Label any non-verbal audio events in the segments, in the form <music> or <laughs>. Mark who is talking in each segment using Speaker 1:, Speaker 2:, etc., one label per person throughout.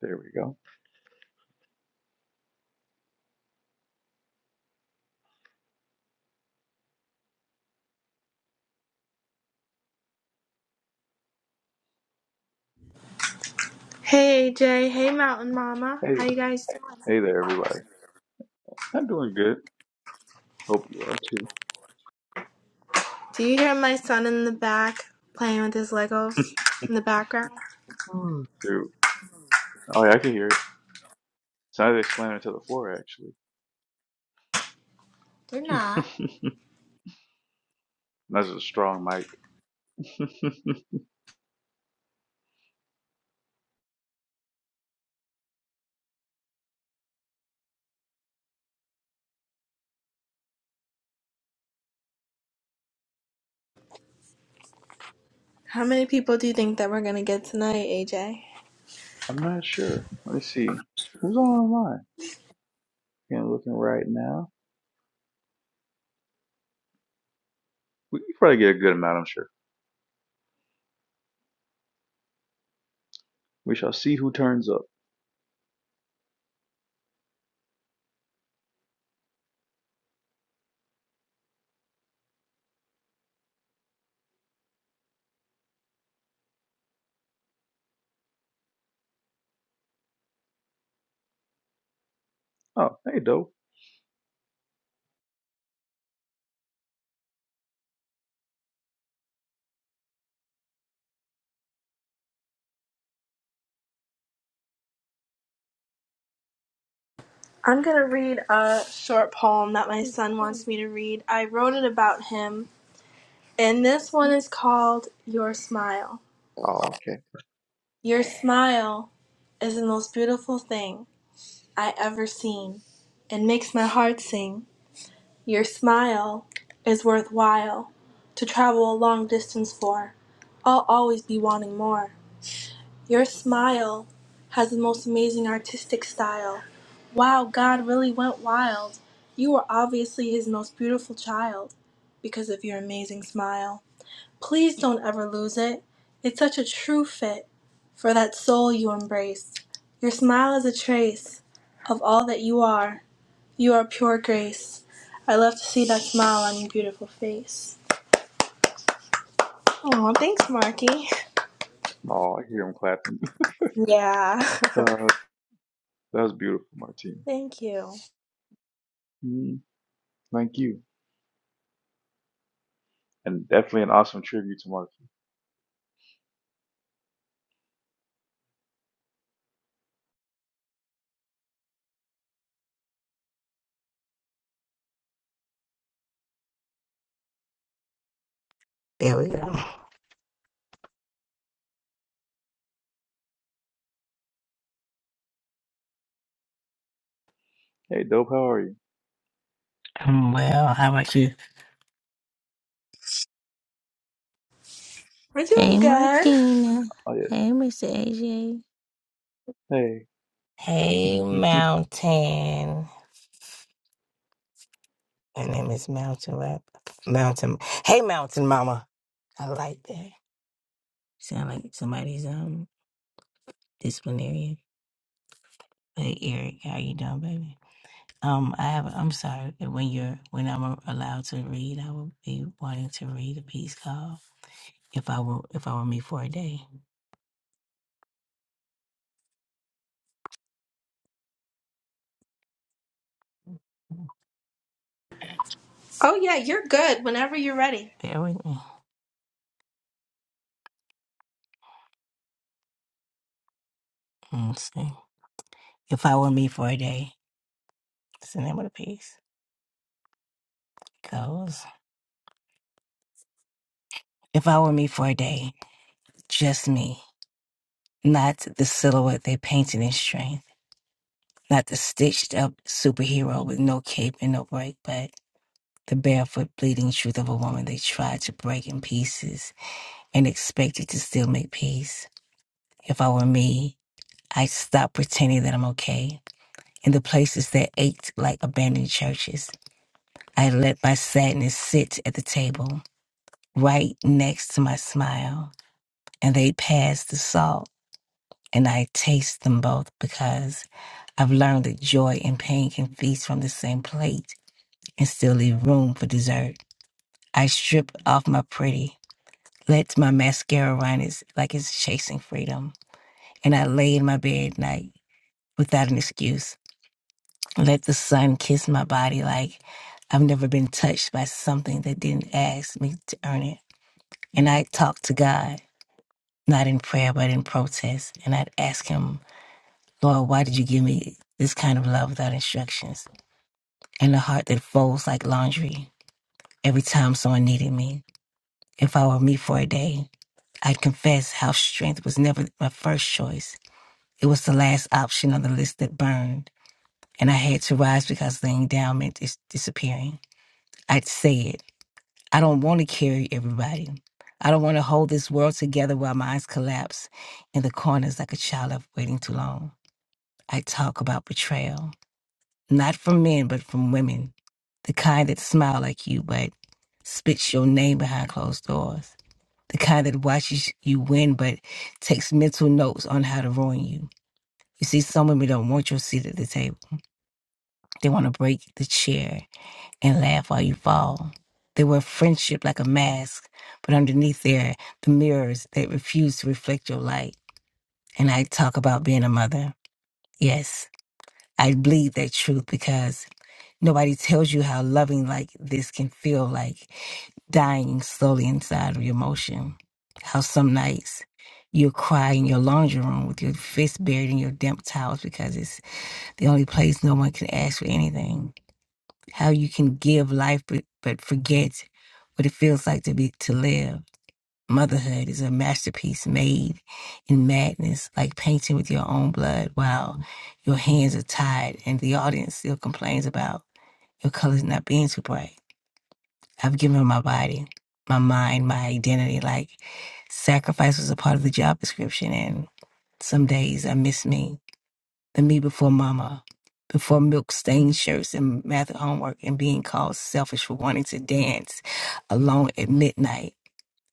Speaker 1: There we go.
Speaker 2: Hey AJ, hey Mountain Mama, how
Speaker 1: Hey,
Speaker 2: you guys doing?
Speaker 1: hey there, everybody. I'm doing good. Hope you are too.
Speaker 2: Do you hear my son in the back playing with his Legos
Speaker 1: <laughs>
Speaker 2: in the background?
Speaker 1: Hmm. Shoot. Oh yeah, I can hear it. Sounds like slamming to the floor, actually.
Speaker 2: Not.
Speaker 1: <laughs> That's a strong mic.
Speaker 2: How many people do you think that we're gonna get tonight, AJ?
Speaker 1: <laughs> I'm not sure. Let me see. Who's online? Can't looking right now. We can probably get a good amount, I'm sure. We shall see who turns up. Oh, hey, Doe.
Speaker 2: I'm gonna read a short poem that my son wants me to read. I wrote it about him, and this one is called Your Smile.
Speaker 1: Oh, okay.
Speaker 2: Your smile is the most beautiful thing I ever seen and makes my heart sing. Your smile is worthwhile to travel a long distance for. I'll always be wanting more. Your smile has the most amazing artistic style. Wow, God really went wild. You are obviously his most beautiful child because of your amazing smile. Please don't ever lose it. It's such a true fit for that soul you embrace. Your smile is a trace of all that you are you are pure grace. I love to see that smile on your beautiful face. Oh, thanks, Marky.
Speaker 1: Oh, I hear him clapping. <laughs>
Speaker 2: Yeah. <laughs>
Speaker 1: Uh, that was beautiful, Martina.
Speaker 2: Thank you.
Speaker 1: Mm, thank you. And definitely an awesome tribute to Marky.
Speaker 3: There we go.
Speaker 1: Hey, Dope, how are you?
Speaker 3: I'm well. How about you?
Speaker 2: We're doing
Speaker 3: Hey,
Speaker 2: good.
Speaker 3: Martina.
Speaker 1: Oh yeah.
Speaker 3: Hey, Mr. AJ.
Speaker 1: Hey.
Speaker 3: Hey,
Speaker 1: <laughs>
Speaker 3: Mountain. Her name is Mountain Rap. Mountain. Hey, Mountain Mama. I like that. Sound like somebody's um disciplinarian. Hey, Eric, how you doing, baby? Um, I have. I'm sorry. When you're when I'm allowed to read, I will be wanting to read a piece called "If I Were If I Were Me for a Day."
Speaker 2: Oh, yeah, you're good whenever you're ready.
Speaker 3: Bear with me. Let's see. If I Were Me for a Day. It's the name of the piece. It Goes. If I were me for a day, just me, not the silhouette they painted in strength, not the stitched up superhero with no cape and no break, but the barefoot bleeding truth of a woman they tried to break in pieces and expected to still make peace. If I were me, I'd stop pretending that I'm okay. In the places that ached like abandoned churches, I let my sadness sit at the table, right next to my smile. and they pass the salt, and I taste them both because I've learned that joy and pain can feast from the same plate and still leave room for dessert. I strip off my pretty, let my mascara run it's like it's chasing freedom, and I lay in my bed at night without an excuse. Let the sun kiss my body like I've never been touched by something that didn't ask me to earn it. And I talk to God, not in prayer, but in protest. And I'd ask Him Lord, why did you give me this kind of love without instructions? And a heart that folds like laundry every time someone needed me. If I were me for a day, I'd confess how strength was never my first choice. It was the last option on the list that burned, and I had to rise because the endowment is disappearing. I'd say it. I don't want to carry everybody. I don't want to hold this world together while my eyes collapse in the corners like a child left waiting too long. I talk about betrayal. Not from men, but from women. The kind that smile like you, but spits your name behind closed doors. The kind that watches you win, but takes mental notes on how to ruin you. You see, some women don't want your seat at the table. They want to break the chair and laugh while you fall. They wear friendship like a mask, but underneath there, the mirrors that refuse to reflect your light. And I talk about being a mother. Yes, I bleed that truth because Nobody tells you how loving like this can feel like dying slowly inside of your emotion. How some nights you'll cry in your laundry room with your fist buried in your damp towels because it's the only place no one can ask for anything. How you can give life but, but forget what it feels like to be to live. Motherhood is a masterpiece made in madness, like painting with your own blood while your hands are tied and the audience still complains about your color's not being too bright. I've given my body, my mind, my identity. Like sacrifice was a part of the job description. And some days I miss me, the me before mama, before milk stained shirts and math homework and being called selfish for wanting to dance alone at midnight.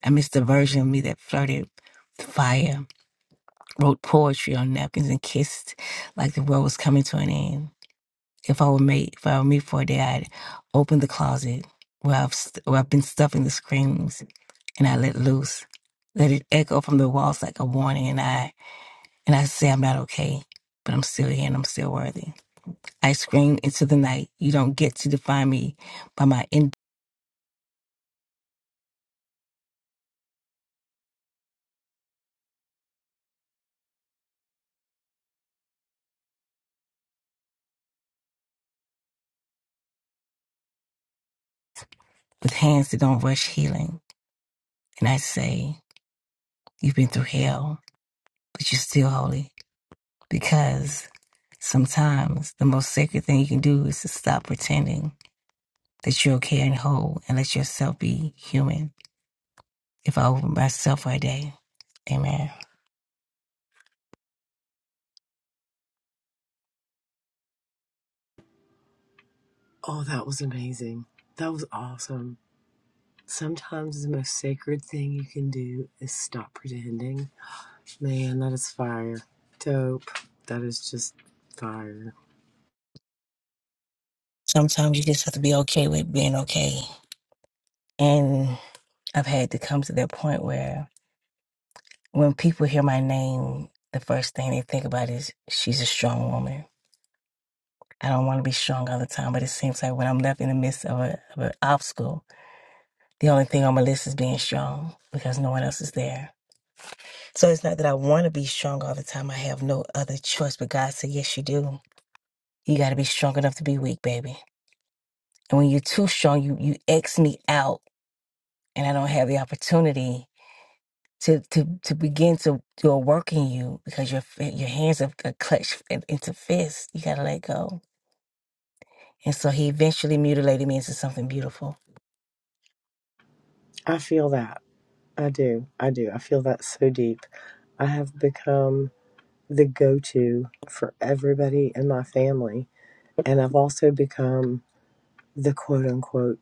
Speaker 3: I miss the version of me that flirted with fire, wrote poetry on napkins and kissed like the world was coming to an end. if I were made, if I were me for a day, I'd open the closet where I've st- where I've been stuffing the screams, and I let loose, let it echo from the walls like a warning, and I and I say I'm not okay, but I'm still here and I'm still worthy. I scream into the night. You don't get to define me by my end with hands that don't rush healing, and I say you've been through hell, but you're still holy because sometimes the most sacred thing you can do is to stop pretending that you're okay and whole and let yourself be human. If I open myself for a day, amen.
Speaker 4: Oh, that was amazing. That was awesome. Sometimes the most sacred thing you can do is stop pretending. Man, that is fire. Dope. That is just fire.
Speaker 3: Sometimes you just have to be okay with being okay. And I've had to come to that point where when people hear my name, the first thing they think about is she's a strong woman. I don't want to be strong all the time, but it seems like when I'm left in the midst of, a, of an obstacle, the only thing on my list is being strong because no one else is there. So it's not that I want to be strong all the time. I have no other choice, but God said, yes, you do. You got to be strong enough to be weak, baby. And when you're too strong, you, you X me out and I don't have the opportunity to to to begin to do a work in you because your fi- your hands are got clutched in- into fists. You gotta let go. And so he eventually mutilated me into something beautiful.
Speaker 4: I feel that. I do. I do. I feel that so deep. I have become the go to for everybody in my family. And I've also become the quote unquote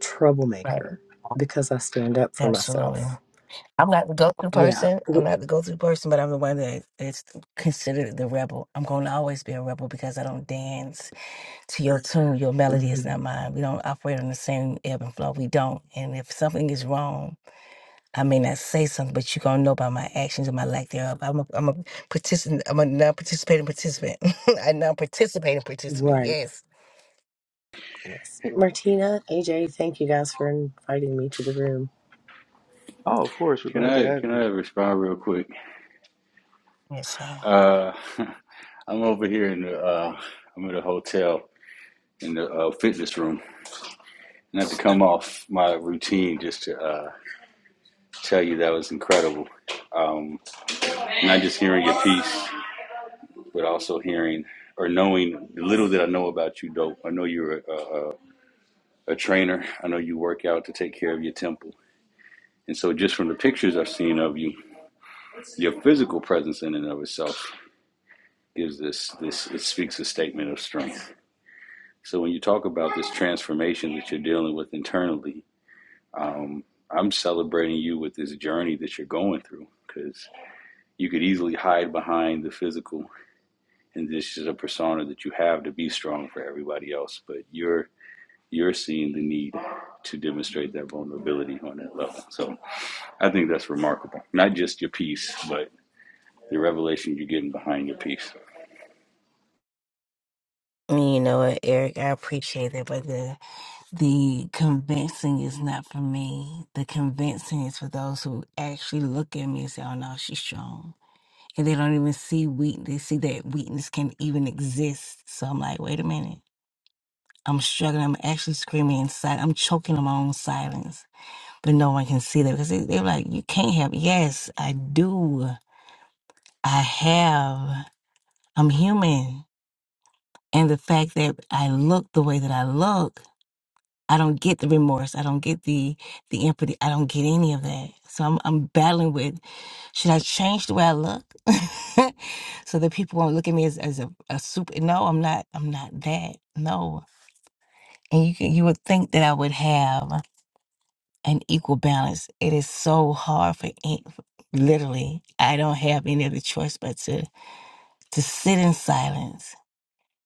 Speaker 4: troublemaker
Speaker 3: Right.
Speaker 4: because I stand up for
Speaker 3: Absolutely.
Speaker 4: myself.
Speaker 3: I'm not the go-through
Speaker 4: Yeah.
Speaker 3: person. I'm
Speaker 4: W-
Speaker 3: not the go-through person, but I'm the one that is considered the rebel. I'm going to always be a rebel because I don't dance to your tune. Your melody is
Speaker 4: Mhm.
Speaker 3: not mine. We don't operate on the same ebb and flow. We don't. And if something is wrong, I may not say something, but you're gonna know by my actions and my lack thereof. I'm a I'm a participant I'm a non-participating participant. <laughs> a non-participating participant,
Speaker 4: Right.
Speaker 3: yes.
Speaker 4: Yes. Martina, AJ, thank you guys for inviting me to the room.
Speaker 1: oh, of course. We're
Speaker 5: Can
Speaker 1: glad to
Speaker 5: I
Speaker 1: have
Speaker 5: can
Speaker 1: you.
Speaker 5: I respond real quick?
Speaker 3: Yes, sir.
Speaker 5: Uh, <laughs> I'm over here in the uh, I'm at a hotel in the uh, fitness room, and I have to come off my routine just to uh, tell you that was incredible. Um, not just hearing your piece, but also hearing or knowing the little that I know about you, dope. I know you're a, a, a a trainer. I know you work out to take care of your temple, and so just from the pictures I've seen of you, your physical presence in and of itself gives this this it speaks a statement of strength. So when you talk about this transformation that you're dealing with internally, um, I'm celebrating you with this journey that you're going through because you could easily hide behind the physical and this is a persona that you have to be strong for everybody else, but you're you're seeing the need to demonstrate that vulnerability on that level. So I think that's remarkable. Not just your piece, but the revelation you're getting behind your piece.
Speaker 3: And You know what, Eric, I appreciate that, but the the convincing is not for me. The convincing is for those who actually look at me and say, Oh no, she's strong. And they don't even see weakness. They see that weakness can even exist. So I'm like, wait a minute. I'm struggling. I'm actually screaming inside. I'm choking on my own silence but no one can see that because they, they're like, you can't have. Yes, I do. I have. I'm human, and the fact that I look the way that I look, I don't get the remorse. I don't get the the empathy. I don't get any of that. So I'm I'm battling with, should I change the way I look, <laughs> so that people won't look at me as as a, a super? No, I'm not. I'm not that. No. And you can, you would think that I would have. an equal balance. It is so hard for any- literally, I don't have any other choice but to to sit in silence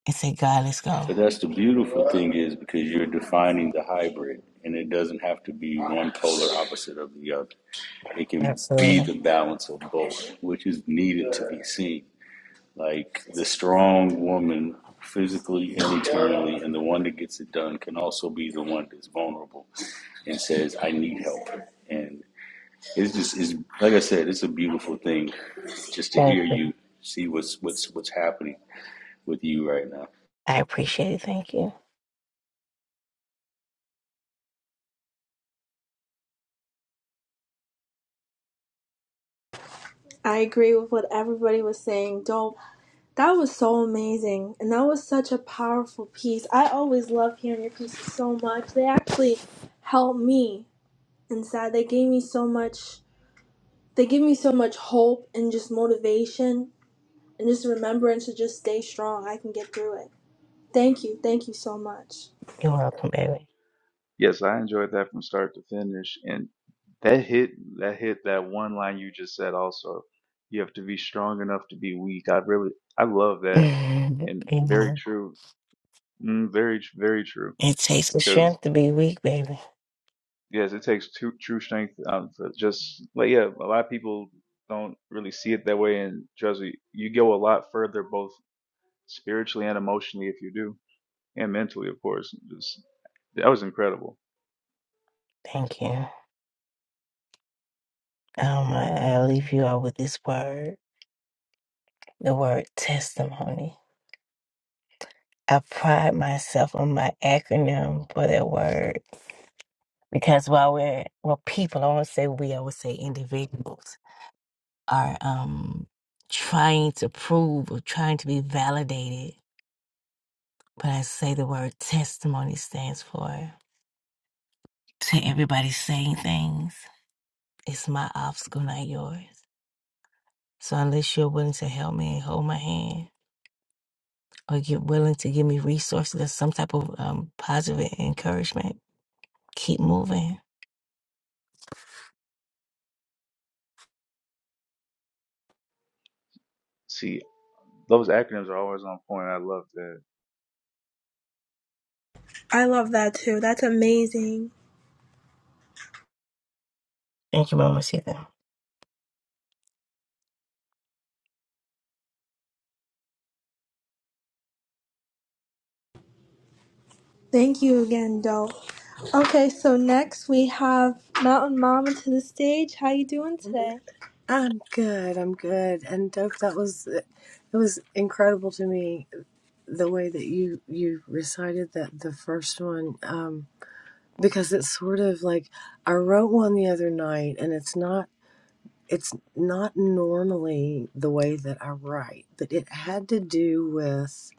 Speaker 3: and say, God, let's go.
Speaker 5: But that's the beautiful thing is because you're defining the hybrid, and it doesn't have to be one polar opposite of the other. It can be
Speaker 3: Absolutely.
Speaker 5: the balance of both, which is needed to be seen. Like the strong woman, physically and internally, and the one that gets it done can also be the one that's vulnerable and says, "I need help." And it's just, it's like I said, it's a beautiful thing just to
Speaker 3: Thank
Speaker 5: hear
Speaker 3: you.
Speaker 5: you see what's what's what's happening with you right now.
Speaker 3: I appreciate it. Thank you.
Speaker 2: I agree with what everybody was saying. Dope. That was so amazing. And that was such a powerful piece. I always love hearing your pieces so much. They actually help me inside. They gave me so much. They give me so much hope and just motivation and just remembering to just stay strong. I can get through it. Thank you. Thank you so much.
Speaker 3: You're welcome, baby.
Speaker 1: Yes, I enjoyed that from start to finish. And that hit, that hit, that one line you just said also. You have to be strong enough to be weak. I really, I love that. And
Speaker 3: <laughs>
Speaker 1: very
Speaker 3: Amen.
Speaker 1: true. Mm, very, tr- very true.
Speaker 3: It takes the
Speaker 1: Because,
Speaker 3: strength to be weak, baby.
Speaker 1: yes, it takes true, true strength. Um, for just, like, yeah, a lot of people don't really see it that way. And trust me, you go a lot further, both spiritually and emotionally, if you do, and mentally, of course. Just, that was incredible.
Speaker 3: Thank you. Um, I, I leave you all with this word, the word testimony. I pride myself on my acronym for that word because while we're well people i won't say we i would say individuals are um trying to prove or trying to be validated but i say the word testimony stands for to everybody saying things it's my obstacle not yours so unless you're willing to help me and hold my hand or you're willing to give me resources or some type of um, positive encouragement keep moving
Speaker 1: See, those acronyms are always on point. I love that.
Speaker 2: I love that too. That's amazing.
Speaker 3: thank you mama Sita.
Speaker 2: Thank you again, Dope. Okay, so next we have Mountain Mama to the stage. How you doing today?
Speaker 4: I'm good. I'm good. And Dope, that was it was incredible to me the way that you you recited that the first one um because it's sort of like I wrote one the other night and it's not it's not normally the way that I write, but it had to do with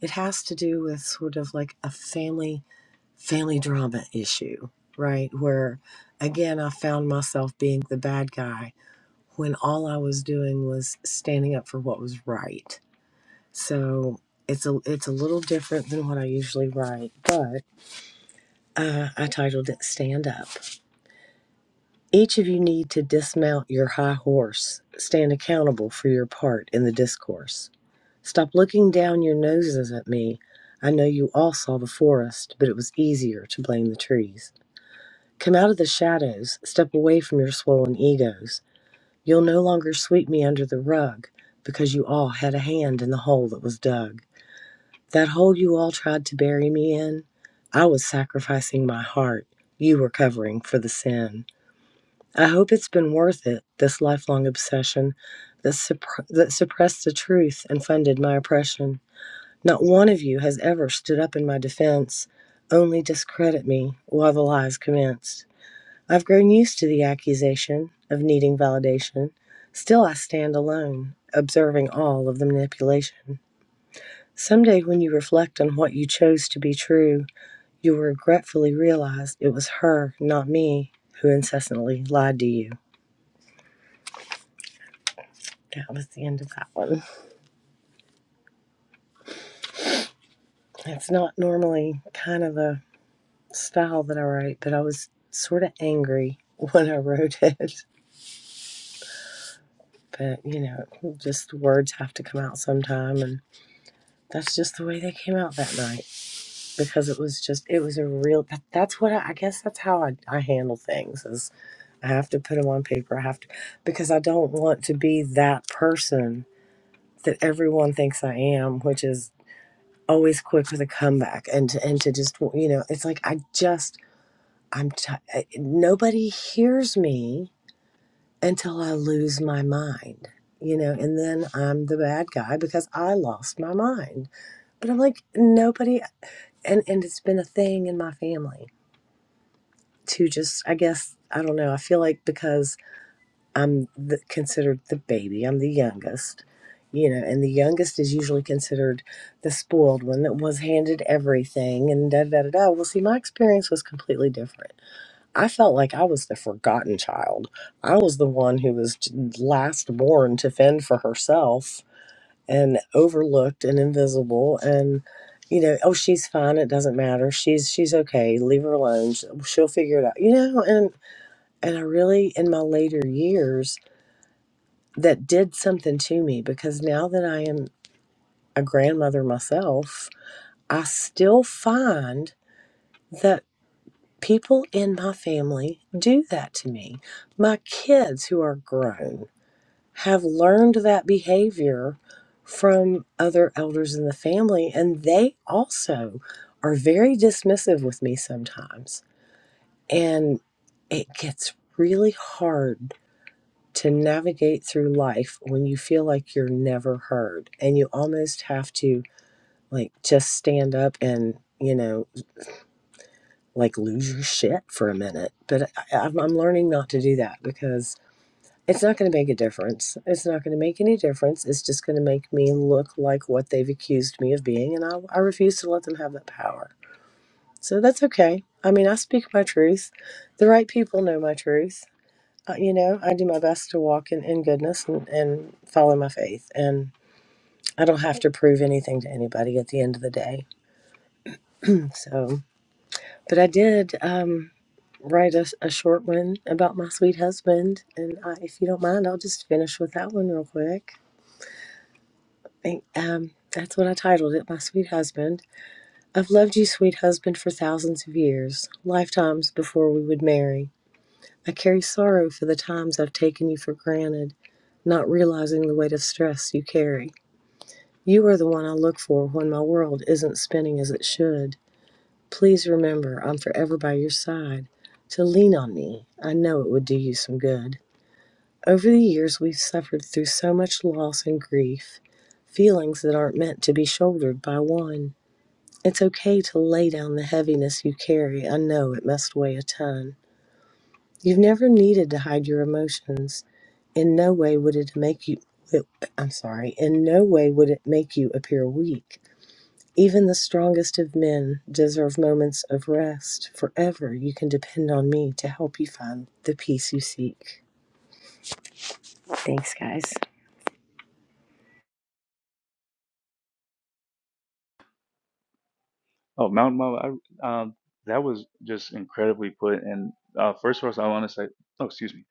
Speaker 4: it has to do with sort of like a family family drama issue, right? Where again, I found myself being the bad guy when all I was doing was standing up for what was right. So it's a it's a little different than what I usually write, but uh, I titled it "Stand Up." Each of you need to dismount your high horse, stand accountable for your part in the discourse. Stop looking down your noses at me. I know you all saw the forest, but it was easier to blame the trees. Come out of the shadows, step away from your swollen egos. You'll no longer sweep me under the rug because you all had a hand in the hole that was dug. That hole you all tried to bury me in, I was sacrificing my heart. You were covering for the sin. I hope it's been worth it, this lifelong obsession that, suppr- that suppressed the truth and funded my oppression. Not one of you has ever stood up in my defense, only discredit me while the lies commenced. I've grown used to the accusation of needing validation. Still, I stand alone, observing all of the manipulation. Someday, when you reflect on what you chose to be true, you'll regretfully realize it was her, not me, who incessantly lied to you. That was the end of that one. It's not normally kind of a style that I write, but I was sort of angry <laughs> when I wrote it. But, you know, just words have to come out sometime, and that's just the way they came out that night. because it was just it was a real that, that's what I, I guess that's how I, I handle things is i have to put them on paper i have to because i don't want to be that person that everyone thinks i am which is always quick with a comeback and to, and to just you know it's like i just i'm t- I- nobody hears me until i lose my mind you know and then i'm the bad guy because i lost my mind but i'm like nobody and and it's been a thing in my family to just i guess i don't know i feel like because i'm the, considered the baby i'm the youngest you know and the youngest is usually considered the spoiled one that was handed everything and da da da da well see my experience was completely different i felt like i was the forgotten child i was the one who was last born to fend for herself and overlooked and invisible and you know, oh, she's fine. It doesn't matter. She's she's okay. Leave her alone. She'll she'll figure it out. You know, and and I really, in my later years, that did something to me because now that I am a grandmother myself, I still find that people in my family do that to me. My kids who are grown have learned that behavior from other elders in the family, and they also are very dismissive with me sometimes. And it gets really hard to navigate through life when you feel like you're never heard and you almost have to like just stand up and you know like lose your shit for a minute but I, I'm, I'm learning not to do that because it's not going to make a difference it's not going to make any difference it's just going to make me look like what they've accused me of being and I, I refuse to let them have that power so that's okay i mean i speak my truth the right people know my truth uh, you know, I do my best to walk in, in goodness and, and follow my faith. And I don't have to prove anything to anybody at the end of the day. So, but I did um, write a, a short one about my sweet husband. And I, if you don't mind, I'll just finish with that one real quick. Think, um, that's what I titled it, My Sweet Husband. I've loved you, sweet husband, for thousands of years, lifetimes before we would marry. I carry sorrow for the times I've taken you for granted, not realizing the weight of stress you carry. You are the one I look for when my world isn't spinning as it should. Please remember I'm forever by your side. To lean on me, I know it would do you some good. Over the years, we've suffered through so much loss and grief, feelings that aren't meant to be shouldered by one. It's okay to lay down the heaviness you carry. I know it must weigh a ton. You've never needed to hide your emotions. In no way would it make you it- I'm sorry, in no way would it make you appear weak. Even the strongest of men deserve moments of rest. Forever you can depend on me to help you find the peace you seek. Thanks, guys.
Speaker 1: Oh, Mount Mama, I, um, that was just incredibly put. And uh, first of all, so I want to say, oh, excuse me.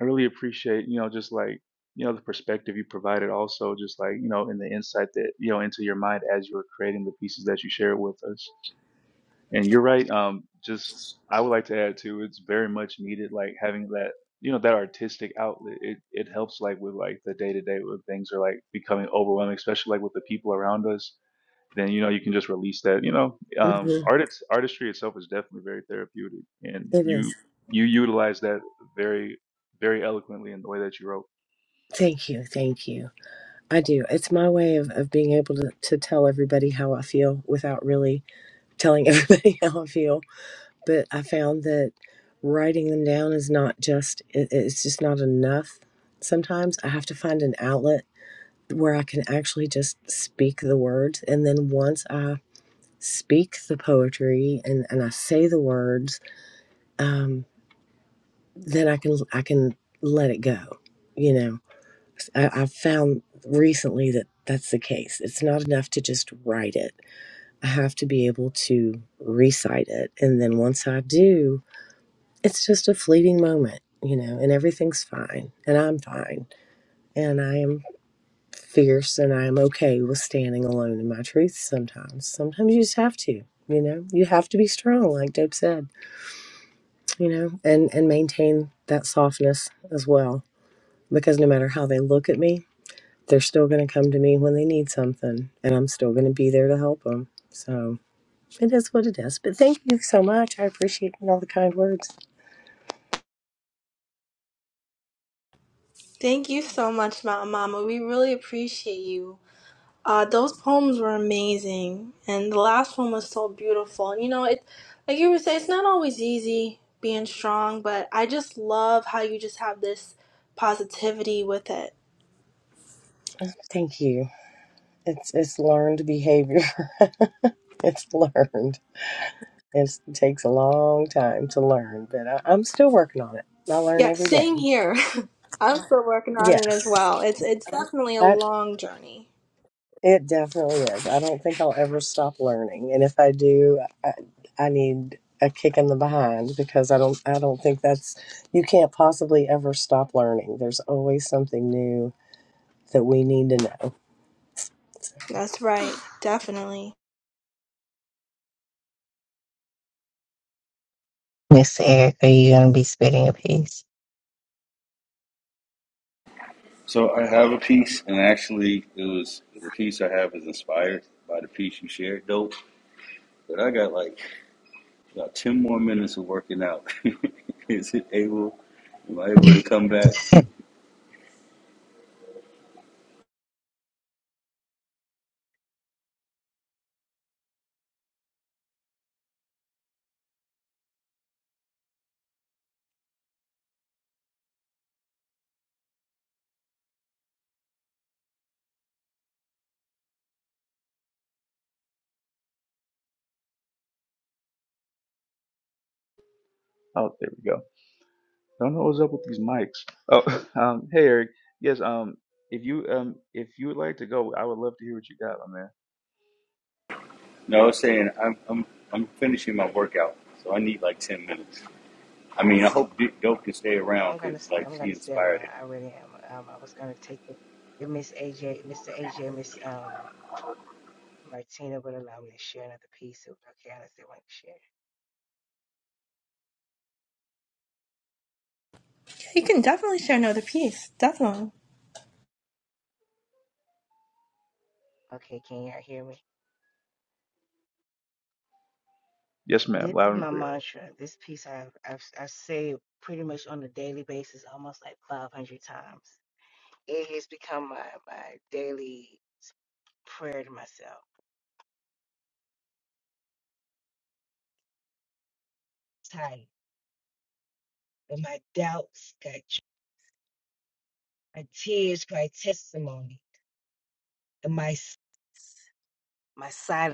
Speaker 1: I really appreciate, you know, just like, you know, the perspective you provided also, just like, you know, and the insight that, you know, into your mind as you were creating the pieces that you shared with us. And you're right. Um, just, I would like to add too, it's very much needed, like having that, you know, that artistic outlet. It, it helps like with like the day to day when things are like becoming overwhelming, especially like with the people around us then you know you can just release that. You know, um,
Speaker 4: Mhm.
Speaker 1: art it's, artistry itself is definitely very therapeutic, and
Speaker 4: It
Speaker 1: you
Speaker 4: is.
Speaker 1: you utilize that very very eloquently in the way that you wrote.
Speaker 4: Thank you. Thank you. I do. It's my way of, of being able to, to tell everybody how I feel without really telling everybody <laughs> how I feel but I found that writing them down is not just, it, it's just not enough. Sometimes I have to find an outlet where I can actually just speak the words. And then once I speak the poetry and, and I say the words, um, then I can, I can let it go. You know, I, I've found recently that that's the case. It's not enough to just write it. I have to be able to recite it. And then once I do, it's just a fleeting moment, you know, and everything's fine, and I'm fine, and I am fierce, and I am okay with standing alone in my truth sometimes. Sometimes you just have to, you know, you have to be strong, like Dope said, you know, and and maintain that softness as well, because no matter how they look at me, they're still going to come to me when they need something, and I'm still going to be there to help them. So it is what it is. But thank you so much. I appreciate all the kind words.
Speaker 2: Thank you so much, Mountain Mama. We really appreciate you. Uh, those poems were amazing, and the last one was so beautiful. And you know, it like you were saying, it's not always easy being strong, but I just love how you just have this positivity with it
Speaker 4: Thank you. It's it's learned behavior. <laughs> it's learned. It's, it takes a long time to learn, but I, I'm still working on it. I learn
Speaker 2: Yeah,
Speaker 4: every day.
Speaker 2: same here. <laughs> I'm still working on it as
Speaker 4: Yes,
Speaker 2: well. It's it's definitely a
Speaker 4: I,
Speaker 2: long journey.
Speaker 4: it definitely is. I don't think I'll ever stop learning, and if I do, I, I need a kick in the behind because I don't I don't think that's you can't possibly ever stop learning. There's always something new that we need to know.
Speaker 2: That's right. <gasps> Definitely.
Speaker 5: So I have a piece, and actually, it was the piece I have is inspired by the piece you shared, dope. But I got like about ten more minutes of working out. <laughs> is it able? Am I able to come back?
Speaker 1: Oh, there we go. Don't know what's up with these mics. Oh, <laughs> um, hey Eric. Yes. Um, if you um if you would like to go, I would love to hear what you got, my man.
Speaker 5: <laughs> no, I was saying I'm I'm I'm finishing my workout, so I need like ten minutes. I mean, I hope D- dope can stay
Speaker 3: I'm
Speaker 5: around
Speaker 3: gonna
Speaker 5: because
Speaker 3: stay.
Speaker 5: like
Speaker 3: I'm
Speaker 5: she
Speaker 3: gonna stay
Speaker 5: inspired
Speaker 3: around.
Speaker 5: it.
Speaker 3: I really am. Um, I was gonna take it. If Miss AJ, Mr. AJ, Miss um Martina would allow me to share another piece. It was okay. I just didn't want to share.
Speaker 2: Yeah, you can definitely share another piece. Definitely.
Speaker 3: Okay, can y'all hear me?
Speaker 1: Yes, ma'am.
Speaker 3: This is
Speaker 1: Loud and
Speaker 3: my
Speaker 1: clear.
Speaker 3: mantra. This piece I've, I've I say it pretty much on a daily basis, almost like 500 times. It has become my my daily prayer to myself. Tight. And my doubts got you. My tears, my testimony, and my my silence.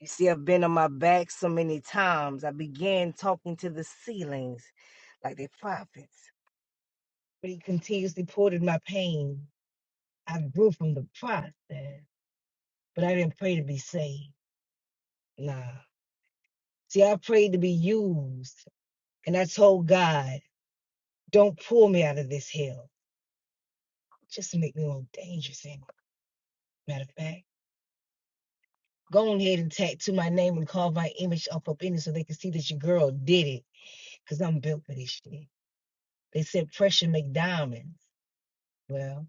Speaker 3: You see, I've been on my back so many times. I began talking to the ceilings like the prophets, but he continuously poured my pain. I grew from the process, but I didn't pray to be saved. Nah. See, I prayed to be used, and I told God, don't pull me out of this hell. Just make me more dangerous. Anyway. Matter of fact, go on ahead and tattoo my name and carve my image up up in it so they can see that your girl did it, because I'm built for this shit. They said pressure make diamonds. well.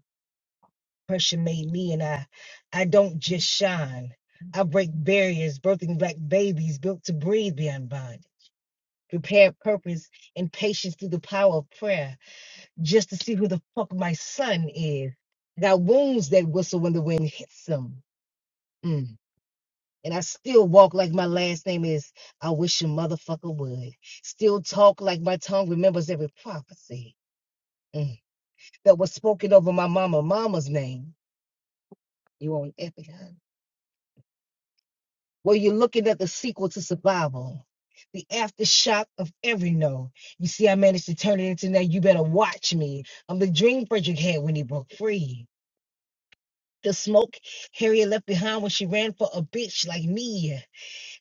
Speaker 3: Pressure made me, and I, I don't just shine. I break barriers, birthing black babies built to breathe beyond bond. Prepare purpose and patience through the power of prayer, just to see who the fuck my son is. Got wounds that whistle when the wind hits them. Mm. And I still walk like my last name is. I wish a motherfucker would. Still talk like my tongue remembers every prophecy mm, that was spoken over my mama, mama's name. You on epic, huh? where you're looking at the sequel to survival, the aftershock of every no. You see, I managed to turn it into now you better watch me. I'm the dream Frederick had when he broke free. The smoke Harriet left behind when she ran for a bitch like me.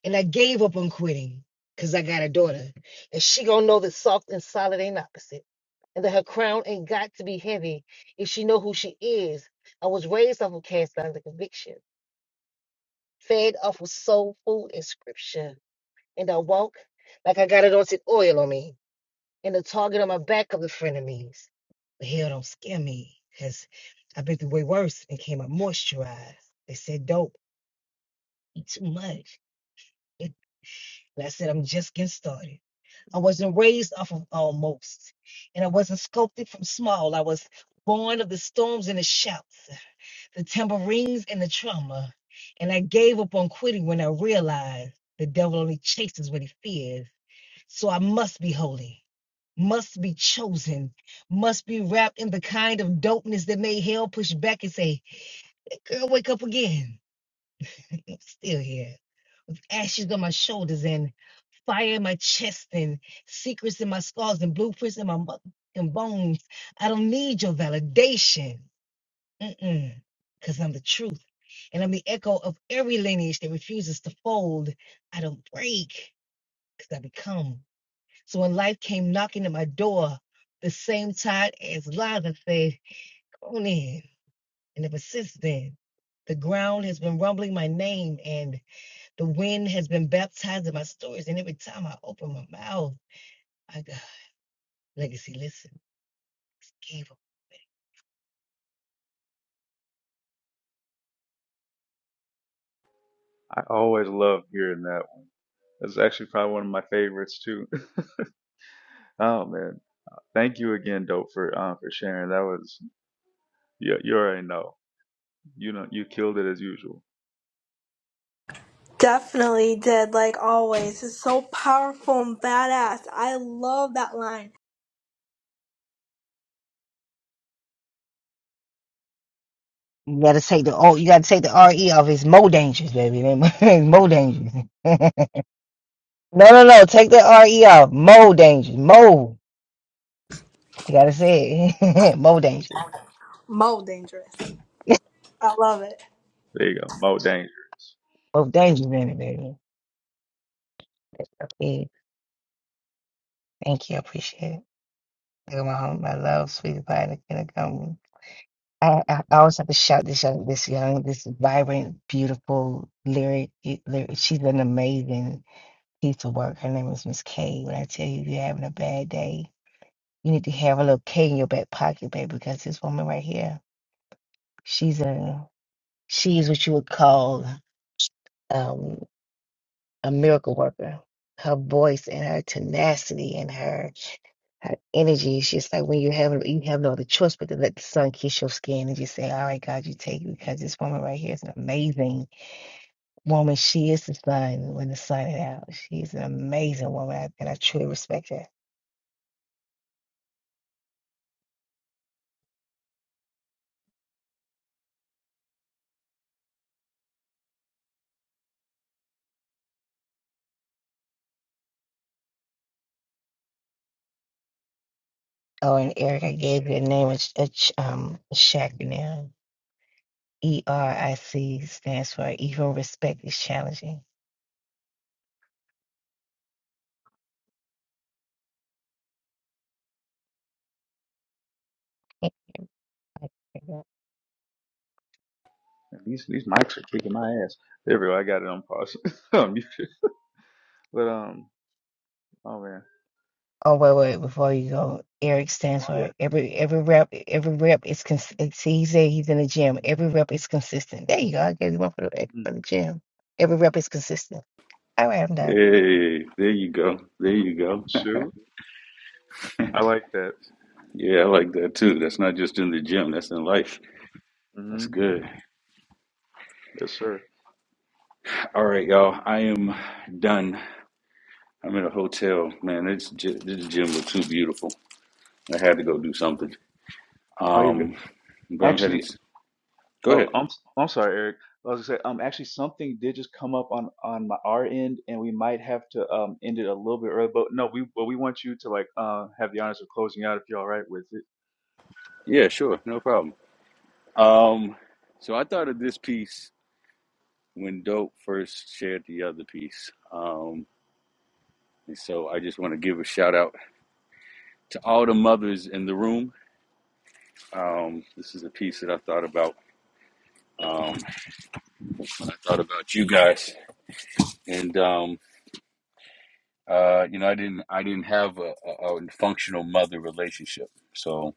Speaker 3: And I gave up on quitting because I got a daughter. And she gonna know that soft and solid ain't opposite. And that her crown ain't got to be heavy if she know who she is. I was raised off of cast iron conviction, fed off of soul food and scripture. and I walk like I got it on oil on me and the target on my back of the frenemies. But hell don't scare me because I've been through way worse and came out moisturized. They said dope, eat too much. It- And I said, I'm just getting started. I wasn't raised off of almost, and I wasn't sculpted from small. I was born of the storms and the shouts, the tambourines and the trauma. And I gave up on quitting when I realized the devil only chases what he fears. So I must be holy, must be chosen, must be wrapped in the kind of dopeness that made hell push back and say, "Hey, Girl, wake up again. <laughs> I'm still here with ashes on my shoulders and fire in my chest and secrets in my scars and blueprints in my motherfucking bones. I don't need your validation. Mm-mm. Because I'm the truth. And I'm the echo of every lineage that refuses to fold. I don't break because I become. So when life came knocking at my door, the same tide as Liza said, come on in. And ever since then, the ground has been rumbling my name and the wind has been baptizing my stories. And every time I open my mouth, I got legacy. Listen, it's evil.
Speaker 1: I always love hearing that one. That's actually probably one of my favorites too. <laughs> Oh man, thank you again, dope, for um for sharing. That was you. You already know. You know you killed it as usual.
Speaker 2: Definitely did, like always. It's so powerful and badass. I love that line.
Speaker 3: You gotta take the oh, you gotta take the R E off. It's more dangerous, baby. <laughs> It's more dangerous. <laughs> no, no, no. Take the R E off. More dangerous. Mo. You gotta say it. <laughs> more dangerous.
Speaker 2: Mo dangerous. I love it.
Speaker 1: There you go. More dangerous.
Speaker 3: More dangerous in it, baby. Thank you. I appreciate it. You're my home, my love, sweet violet can come. I, I I always have to shout this young, this young, this vibrant, beautiful lyric. lyric. She's an amazing piece of work. Her name is Miss K. When I tell you you're having a bad day, you need to have a little K in your back pocket, baby, because this woman right here, she's a she's what you would call um, a miracle worker. Her voice and her tenacity and her her energy. It's just like when you have you have no other choice but to let the sun kiss your skin and just say, "All right, God, you take it," because this woman right here is an amazing woman. She is the sun when the sun is out. She is an amazing woman, and I truly respect her. Oh, and Eric, I gave you a name, a, ch- a ch- um, a shack now. E R I C stands for Even Respect is Challenging. <laughs>
Speaker 1: These these mics are kicking my ass. There we go. I got it on pause. <laughs> on mute. But um, oh man.
Speaker 3: Oh wait, wait, before you go, Eric stands
Speaker 1: Oh
Speaker 3: for
Speaker 1: yeah.
Speaker 3: every every rep. Every rep is cons- see, he said he's in the gym. Every rep is consistent. There you go. I gave you one for the
Speaker 1: Mm.
Speaker 3: for the gym. Every rep is consistent. All right, I'm done.
Speaker 5: Hey, there you go, there you go. <laughs>
Speaker 1: Shoot. I like that.
Speaker 5: yeah, I like that too. That's not just in the gym; that's in life. That's
Speaker 1: hmm
Speaker 5: good.
Speaker 1: Yes, sir.
Speaker 5: All right, y'all. I am done. I'm in a hotel, man. This this gym looks too beautiful. I had to go do something.
Speaker 1: Oh, you good.
Speaker 5: Um, but I'm heading.
Speaker 1: Actually,
Speaker 5: s- Go
Speaker 1: oh,
Speaker 5: ahead.
Speaker 1: I'm I'm sorry, Eric. I was gonna say, um, actually, something did just come up on on my our end, and we might have to um end it a little bit early. But no, we but we want you to like uh have the honors of closing out if you're all right with it.
Speaker 5: Yeah, sure, no problem. Um, so I thought of this piece when Dope first shared the other piece. Um, and so I just want to give a shout out to all the mothers in the room. Um, this is a piece that I thought about um, when I thought about you guys, and um, uh, you know, I didn't I didn't have a, a, a functional mother relationship, so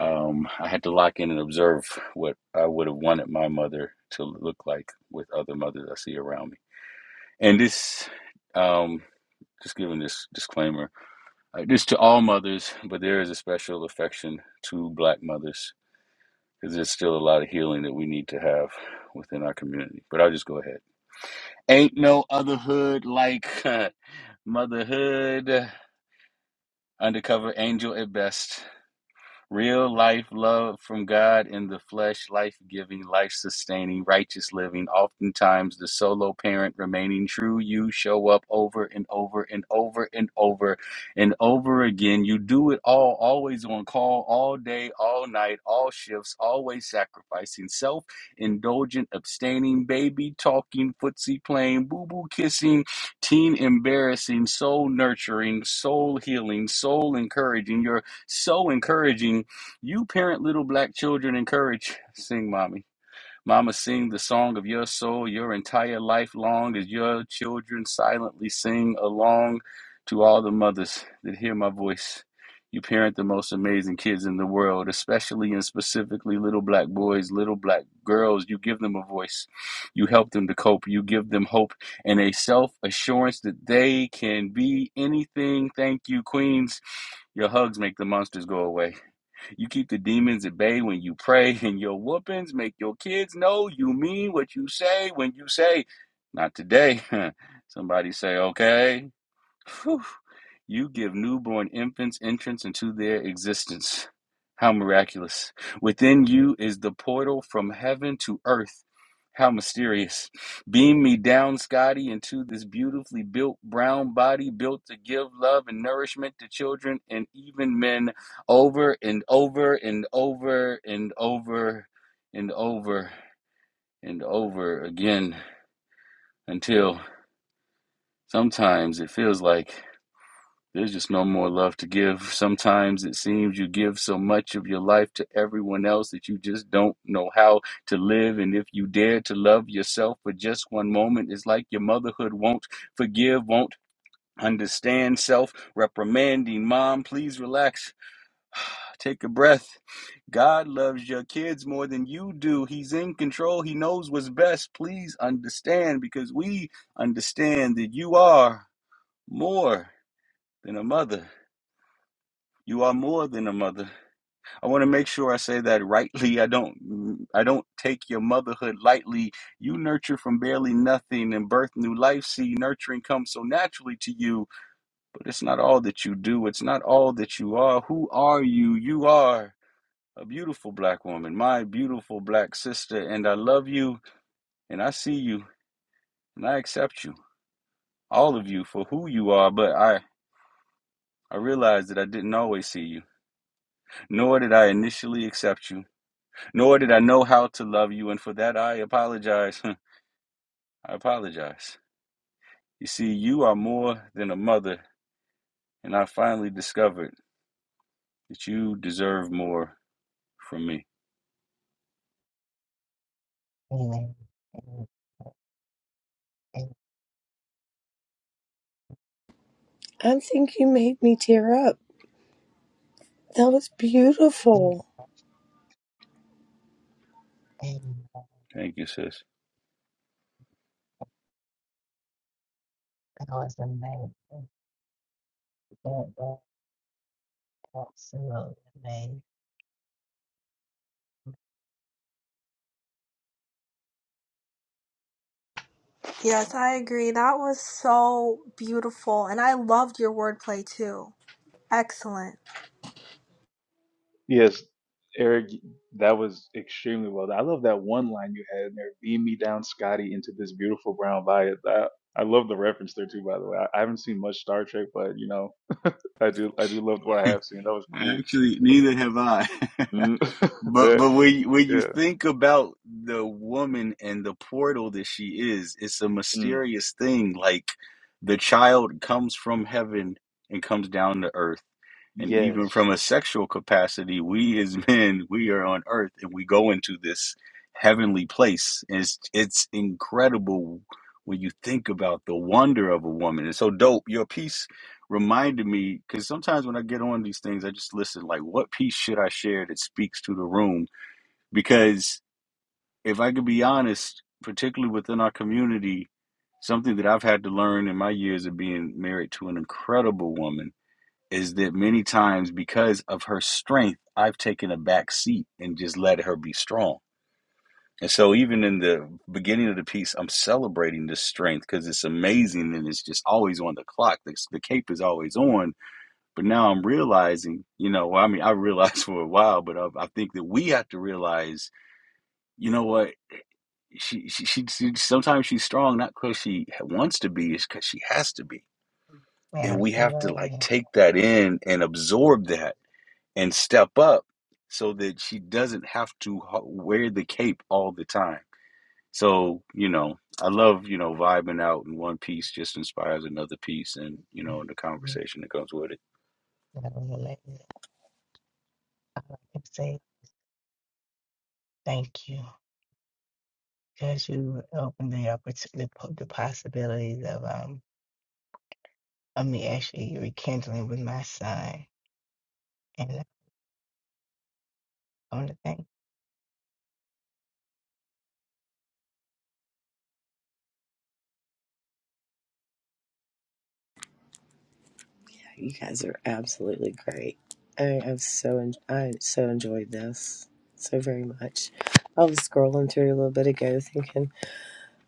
Speaker 5: Um, I had to lock in and observe what I would have wanted my mother to look like with other mothers I see around me. And this, um, just giving this disclaimer, uh, this to all mothers, but there is a special affection to Black mothers because there's still a lot of healing that we need to have within our community. But I'll just go ahead. Ain't no other hood like <laughs> motherhood. Undercover angel at best. Real life love from God in the flesh, life giving, life sustaining, righteous living. Oftentimes, the solo parent remaining true, you show up over and over and over and over and over again. You do it all, always on call, all day, all night, all shifts, always sacrificing self, indulgent, abstaining, baby talking, footsie playing, boo boo kissing, teen embarrassing, soul nurturing, soul healing, soul encouraging. Your so encouraging. You parent little black children, encourage Sing Mommy. Mama, sing the song of your soul your entire life long as your children silently sing along to all the mothers that hear my voice. You parent the most amazing kids in the world, especially and specifically little black boys, little black girls. You give them a voice. You help them to cope. You give them hope and a self assurance that they can be anything. Thank you, Queens. Your hugs make the monsters go away. You keep the demons at bay when you pray, <laughs> and your whoopings make your kids know you mean what you say when you say, Not today. <laughs> Somebody say, Okay. Phew. You give newborn infants entrance into their existence. How miraculous. Within you is the portal from heaven to earth. How mysterious. Beam me down, Scotty, into this beautifully built brown body built to give love and nourishment to children and even men over and over and over and over and over and over again until sometimes it feels like There's just no more love to give. Sometimes it seems you give so much of your life to everyone else that you just don't know how to live. And if you dare to love yourself for just one moment, it's like your motherhood won't forgive, won't understand self reprimanding. Mom, please relax. Take a breath. God loves your kids more than you do. He's in control. He knows what's best. Please understand because we understand that you are more than a mother. You are more than a mother. I want to make sure I say that rightly. I don't I don't take your motherhood lightly. You nurture from barely nothing and birth new life. See, nurturing comes so naturally to you, but it's not all that you do. It's not all that you are. Who are you? You are a beautiful black woman, my beautiful black sister, and I love you and I see you and I accept you. All of you for who you are, but I I realized that I didn't always see you, nor did I initially accept you. nor did I know how to love you, and for that I apologize. <laughs> I apologize. You see, you are more than a mother, and I finally discovered that you deserve more from me.
Speaker 3: Anyway, and-
Speaker 4: I think you made me tear up. That was
Speaker 3: and-
Speaker 4: beautiful.
Speaker 3: and-
Speaker 5: Thank you, sis.
Speaker 3: that was amazing. That was absolutely amazing.
Speaker 2: Yes, I agree. That was so beautiful. And I loved your wordplay too. Excellent.
Speaker 1: Yes, Eric, that was extremely well done. I love that one line you had in there, beam me down, Scotty, into this beautiful brown light. I, I love the reference there too, by the way. I, I haven't seen much Star Trek, but you know, I do I do love what I have seen. That was cool.
Speaker 5: Actually, neither have I. <laughs>
Speaker 1: Mm, <laughs>
Speaker 5: but
Speaker 1: that
Speaker 5: but when you- when you
Speaker 1: yeah.
Speaker 5: think about the woman and the portal that she is, it's a
Speaker 1: Mm,
Speaker 5: mysterious thing. Like the child comes from heaven and comes down to earth And
Speaker 1: yes.
Speaker 5: even from a sexual capacity, we as <laughs> men, we are on earth and we go into this heavenly place. And it's, it's incredible when you think about the wonder of a woman. It's so dope. Your piece reminded me, because sometimes when I get on these things, I just listen, like, what piece should I share that speaks to the room? Because if I could be honest, particularly within our community, something that I've had to learn in my years of being married to an incredible woman is that many times because of her strength, I've taken a back seat and just let her be strong. And so, even in the beginning of the piece, I'm celebrating this strength because it's amazing and it's just always on the clock. The, the cape is always on. But now I'm realizing, you know, well, I mean, <laughs> I realized for a while, but I, I think that we have to realize, you know what? She, she, she, she sometimes she's strong not because she wants to be, it's because she has to be. And we have to like
Speaker 3: Absolutely.
Speaker 5: take that in and absorb that and step up so that she doesn't have to wear the cape all the time. So, you know, I love, you know, vibing out and one piece just inspires another piece and, you know, the conversation that comes with it.
Speaker 3: That was amazing. All I can say thank you because you opened the opportunity, the possibilities of um. of me actually rekindling with my son and that kind of thing.
Speaker 4: You guys are absolutely great. I have so en- I so enjoyed this so very much. I was scrolling through a little bit ago, thinking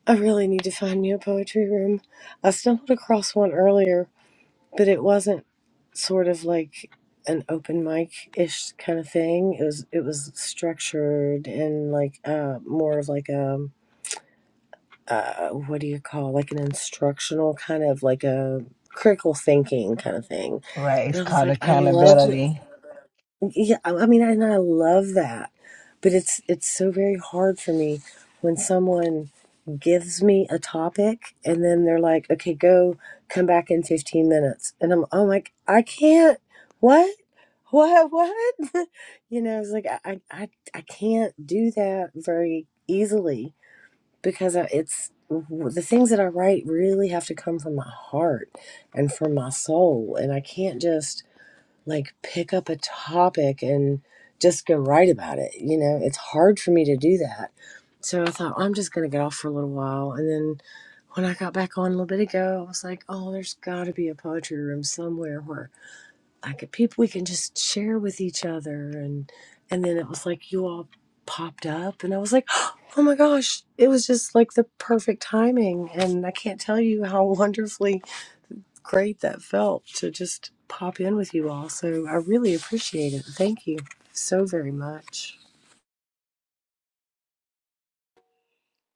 Speaker 4: I really need to find me a poetry room. I stumbled across one earlier, but it wasn't sort of like an open mic ish kind of thing. It was it was structured and like uh more of like a uh what do you call like an instructional kind of like a critical thinking kind of thing.
Speaker 3: Right.
Speaker 4: And
Speaker 3: It's
Speaker 4: I was
Speaker 3: called
Speaker 4: like, I love.
Speaker 3: accountability.
Speaker 4: Yeah, I I mean, and I love that, but it's it's so very hard for me when someone gives me a topic and then they're like, "Okay, go come back in 15 minutes." And I'm I'm like, "I can't. What? What what?" <laughs> you know, it's like I I I I can't do that very easily because I- it's the things that I write really have to come from my heart and from my soul, and I can't just like pick up a topic and just go write about it. You know, it's hard for me to do that. So I thought, I'm just going to get off for a little while. And then when I got back on a little bit ago, I was like, oh, there's got to be a poetry room somewhere where I could, people, we can just share with each other. And, and then it was like, you all popped up. And I was like, <gasps> oh my gosh, it was just like the perfect timing. And I can't tell you how <laughs> wonderfully great that felt to just pop in with you all. So I really appreciate it. Thank you so very much.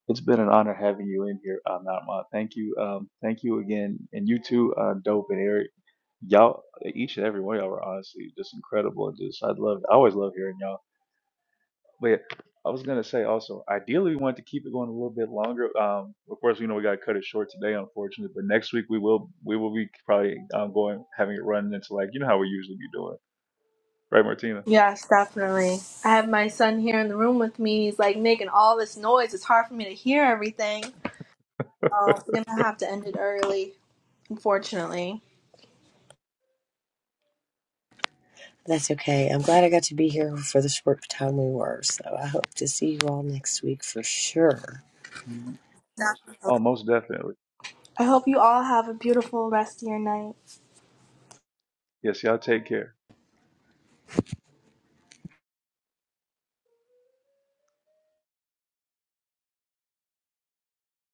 Speaker 1: It's been an honor having you in here, uh, Natma. Thank you. Um, thank you again. And you too, uh, Dope and Eric. Y'all, each and every one of y'all were honestly just incredible. And just, I love, I always love hearing y'all. But I was gonna say also, ideally we wanted to keep it going a little bit longer. Um, of course, you know we gotta cut it short today, unfortunately. But next week we will we will be probably um, going having it run into like you know how we usually be doing, right, Martina?
Speaker 2: Yes, definitely. I have my son here in the room with me. He's like making all this noise. It's hard for me to hear everything. So I'm gonna have to end it early, unfortunately.
Speaker 4: That's okay. I'm glad I got to be here for the short time we were. So I hope to see you all next week for sure.
Speaker 1: Mhm. Oh, most definitely.
Speaker 2: I hope you all have a beautiful rest of your night.
Speaker 1: Yes, y'all take care.